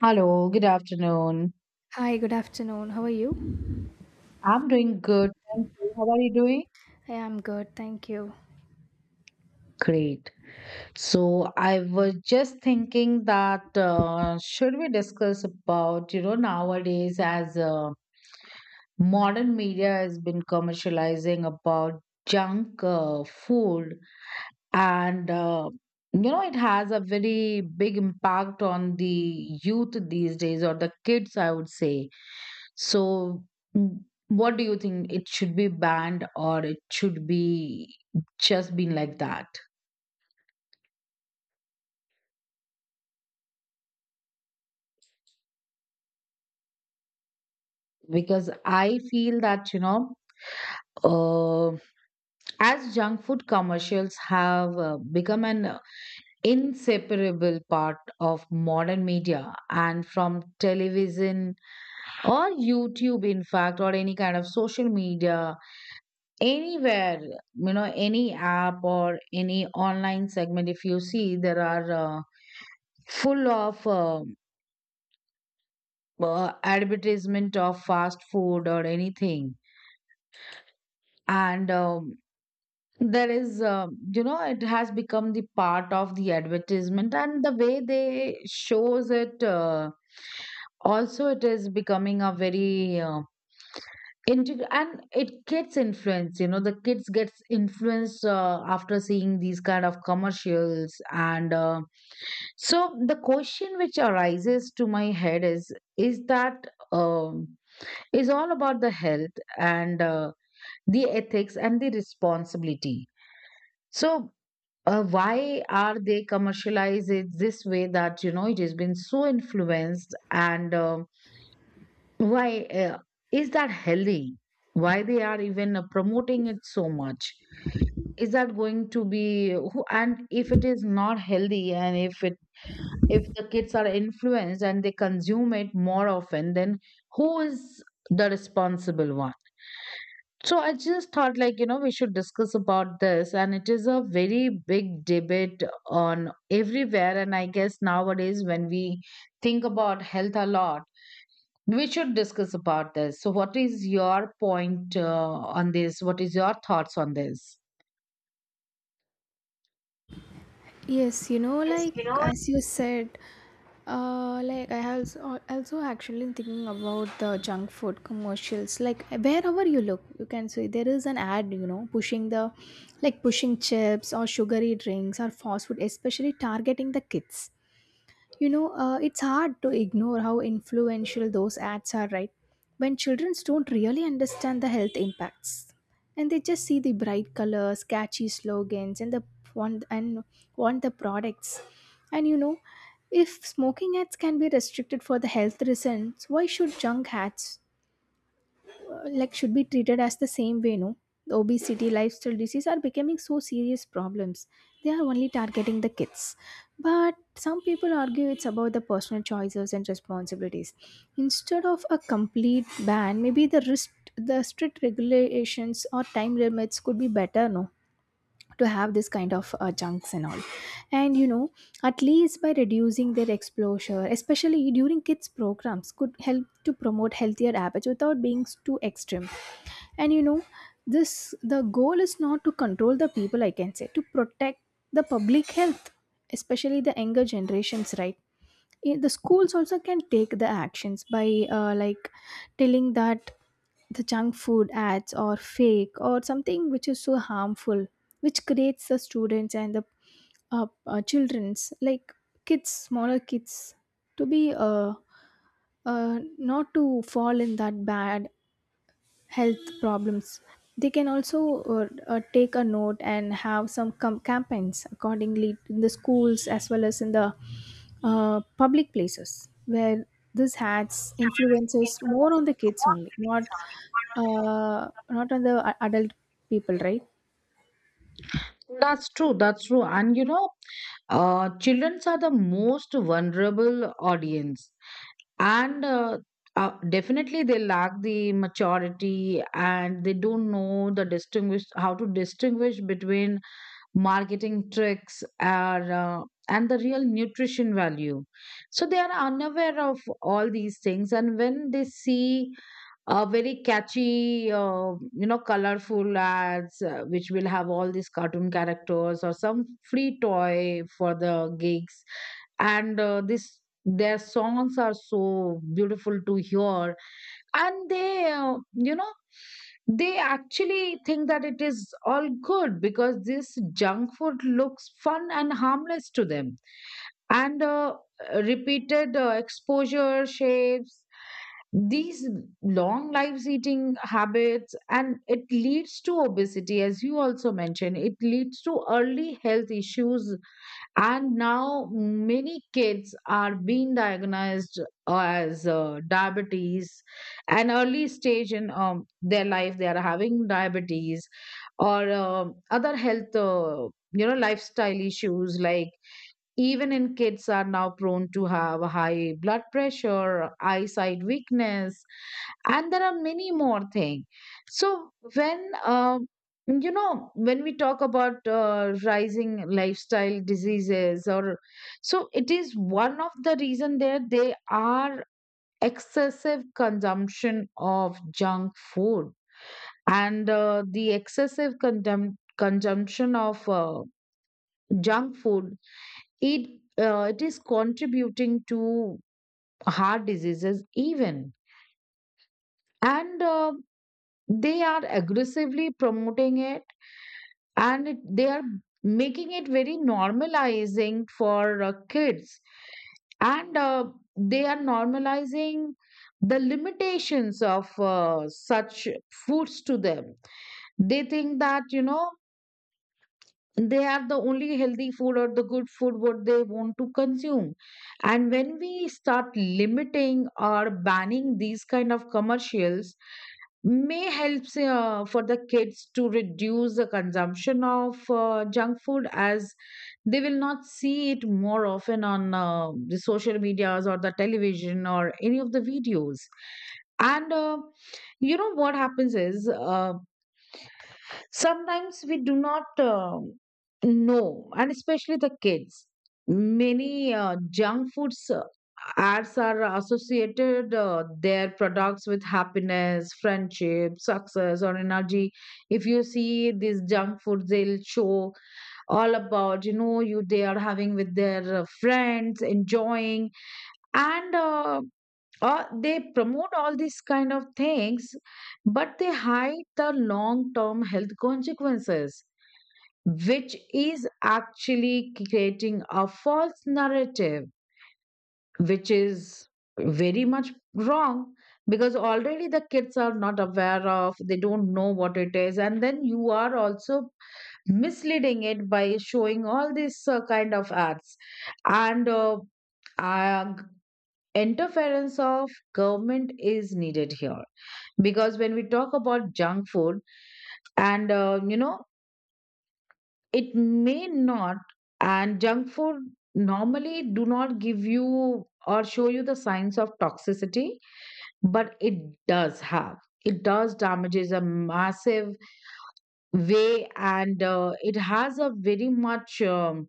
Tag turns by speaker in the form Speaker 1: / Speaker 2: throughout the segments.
Speaker 1: Hello, good afternoon.
Speaker 2: Hi, good afternoon. How are you?
Speaker 1: I'm doing good. Thank you. How are you doing?
Speaker 2: I am good, thank you.
Speaker 1: Great. So I was just thinking that should we discuss about, you know, nowadays as modern media has been commercializing about junk food and you know it has a very big impact on the youth these days or the kids I would say so mm, what do you think, it should be banned or it should be just been like that? Because I feel that you know, uh, as junk food commercials have become an inseparable part of modern media, and from television or YouTube, in fact, or any kind of social media, anywhere, you know, any app or any online segment, if you see, there are full of advertisement of fast food or anything. And there is, you know, it has become the part of the advertisement and the way they shows it. Also, it is becoming a very and it gets influenced, you know, the kids gets influenced after seeing these kind of commercials, and so the question which arises to my head is that um, is all about the health and the ethics and the responsibility. So why are they commercialized it this way, that you know it has been so influenced, and um, why is that healthy? Why they are even promoting it so much? Is that going to be and if it is not healthy, and if it, if the kids are influenced and they consume it more often, then who is the responsible one? So I just thought like, you know, we should discuss about this, and it is a very big debate on everywhere, and I guess nowadays when we think about health a lot, we should discuss about this. So, what is your point on this? What is your thoughts on this?
Speaker 2: Yes, you know,
Speaker 1: Yes.
Speaker 2: like as you said, like I also actually thinking about the junk food commercials. Like wherever you look, you can see there is an ad, you know, pushing like pushing chips or sugary drinks or fast food, especially targeting the kids. You know, it's hard to ignore how influential those ads are, right? When children don't really understand the health impacts, and they just see the bright colors, catchy slogans, and the want and want the products. And you know, if smoking ads can be restricted for the health reasons, why should junk ads? Like should be treated as the same way, no? The obesity lifestyle disease are becoming so serious problems, they are only targeting the kids. But some people argue it's about the personal choices and responsibilities. Instead of a complete ban, maybe the risk, the strict regulations or time limits could be better, no? To have this kind of junks and all. And you know, at least by reducing their exposure, especially during kids programs, could help to promote healthier habits without being too extreme. And you know, this the goal is not to control the people, I can say, to protect the public health, especially the younger generations, right? The schools also can take the actions by like telling that the junk food ads are fake or something which is so harmful, which creates the students and the children's like kids, smaller kids, to be not to fall in that bad health problems. They can also take a note and have some campaigns accordingly in the schools as well as in the public places where this has influences more on the kids only, not not on the adult people, right?
Speaker 1: That's true. That's true. And you know, children are the most vulnerable audience, and definitely they lack the maturity, and they don't know the distinguish, how to distinguish between marketing tricks are and the real nutrition value. So they are unaware of all these things, and when they see very catchy you know, colorful ads which will have all these cartoon characters or some free toy for the gigs, and this, their songs are so beautiful to hear, and they you know, they actually think that it is all good, because this junk food looks fun and harmless to them. And repeated exposure shapes these long lives eating habits, and it leads to obesity, as you also mentioned. It leads to early health issues, and now many kids are being diagnosed as diabetes, an early stage in their life. They are having diabetes or other health, you know, lifestyle issues like even in kids are now prone to have high blood pressure, eyesight weakness, and there are many more things. So when you know, when we talk about rising lifestyle diseases, or so it is one of the reason there, they are excessive consumption of junk food, and the excessive consumption of junk food, it, it is contributing to heart diseases even. And they are aggressively promoting it, and it, they are making it very normalizing for kids, and they are normalizing the limitations of such foods to them. They think that, you know, they are the only healthy food or the good food what they want to consume. And when we start limiting or banning these kind of commercials, may helps for the kids to reduce the consumption of junk food, as they will not see it more often on the social medias or the television or any of the videos. And you know, what happens is, sometimes we do not know, and especially the kids, many junk foods ads are associated their products with happiness, friendship, success or energy. If you see these junk foods, they'll show all about, you know, you, they are having with their friends enjoying, and they promote all these kind of things, but they hide the long term health consequences, which is actually creating a false narrative, which is very much wrong. Because already the kids are not aware of, they don't know what it is, and then you are also misleading it by showing all these kind of ads. And uh, Interference of government is needed here, because when we talk about junk food, and you know, it may not, and junk food normally do not give you or show you the signs of toxicity, but it does have, it does damages a massive way, and it has a very much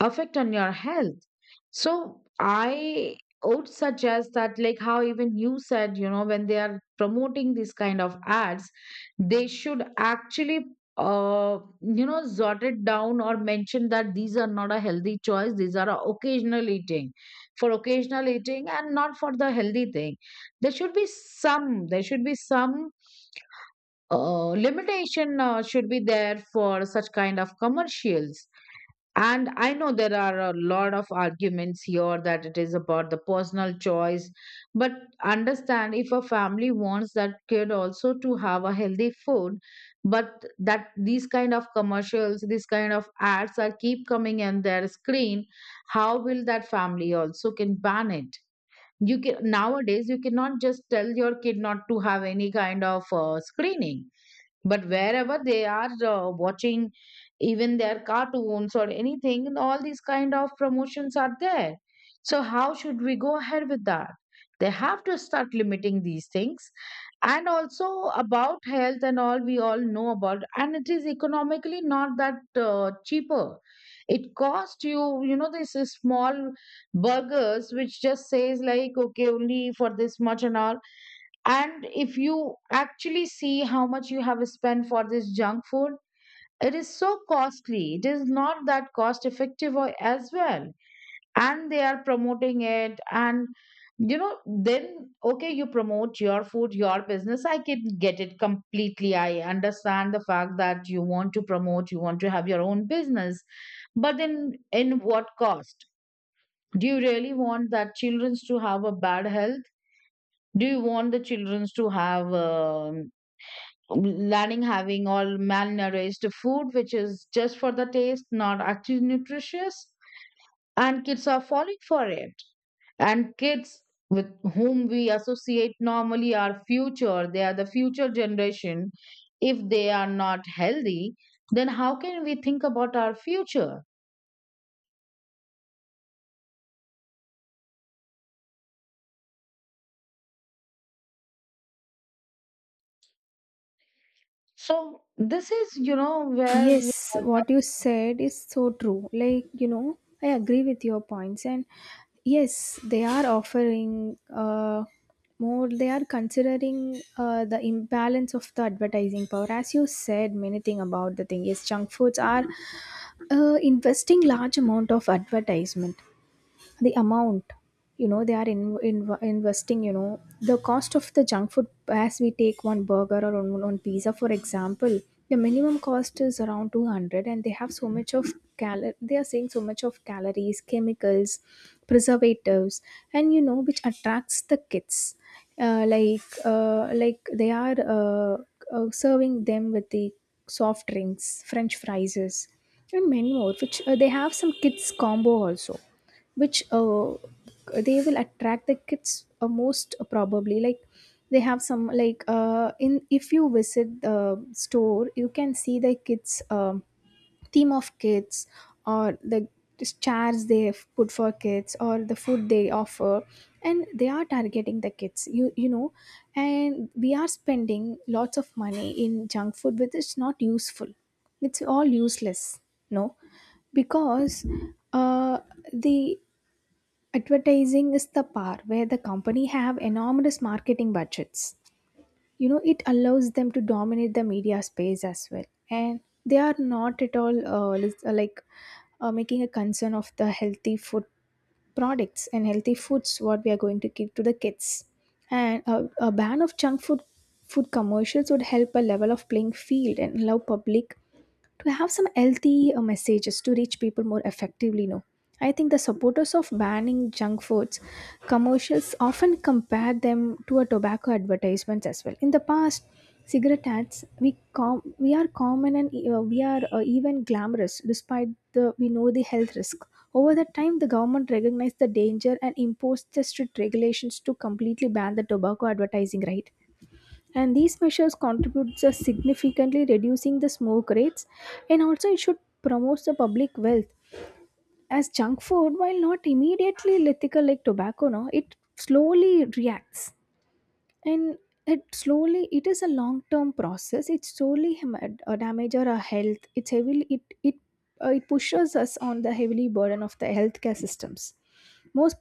Speaker 1: affect on your health. So I would suggest that, like how even you said, you know, when they are promoting these kind of ads, they should actually, uh, you know, jot it down or mention that these are not a healthy choice, these are a occasional eating, for occasional eating and not for the healthy thing. There should be some, there should be some limitation should be there for such kind of commercials. And I know there are a lot of arguments here that it is about the personal choice, but understand, if a family wants that kid also to have a healthy food, but that these kind of commercials, these kind of ads are keep coming in their screen, how will that family also can ban it? You can, nowadays you cannot just tell your kid not to have any kind of screening, but wherever they are watching, even their cartoons or anything, and all these kind of promotions are there. So how should we go ahead with that? They have to start limiting these things. And also about health and all, we all know about, and it is economically not that cheaper. It costs you, you know, this is small burgers which just says like, okay, only for this much and all, and if you actually see how much you have spent for this junk food, it is so costly. It is not that cost effective as well. And they are promoting it. And, you know, then, okay, you promote your food, your business. I can get it completely. I understand the fact that you want to promote, you want to have your own business. But then, in what cost? Do you really want that children to have a bad health? Do you want the children to have? Learning, having all malnourished food, which is just for the taste, not actually nutritious, and kids are falling for it. And kids, with whom we associate normally are future, they are the future generation. If they are not healthy, then how can we think about our future? So this is, you know, where
Speaker 2: Yes, what you said is so true. Like, you know, I agree with your points. And yes, they are offering more, they are considering the imbalance of the advertising power. As you said, many thing about the thing. Yes, junk foods are investing large amount of advertisement, the amount, you know, they are investing, you know, the cost of the junk food. As we take one burger or one pizza for example, the minimum cost is around 200, and they have so much of cal, they are saying so much of calories, chemicals, preservatives. And you know, which attracts the kids. Like they are serving them with the soft drinks, french fries, and many more, which they have some kids combo also, which they will attract the kids most probably, like they have some like, in, if you visit the store, you can see the kids, um, theme of kids or the just chairs they have put for kids or the food they offer. And they are targeting the kids, you know. And we are spending lots of money in junk food, which is not useful. It's all useless, no? Because uh, the advertising is the part where the company have enormous marketing budgets. You know, it allows them to dominate the media space as well. And they are not at all like making a concern of the healthy food products and healthy foods, what we are going to give to the kids. And a ban of junk food commercials would help a level of playing field and allow public to have some healthy messages to reach people more effectively, no? I think the supporters of banning junk foods commercials often compare them to a tobacco advertisements as well. In the past, cigarette ads, we are common, and we are even glamorous, despite the, we know, the health risk. Over the time, the government recognized the danger and imposed the strict regulations to completely ban the tobacco advertising, right? And these measures contribute to significantly reducing the smoke rates, and also it should promote the public wealth. As junk food, while not immediately lethal like tobacco, no, it slowly reacts. And it slowly, it is a long term process, it slowly damage our health. It's heavily, it pushes us on the heavily burden of the healthcare systems. Most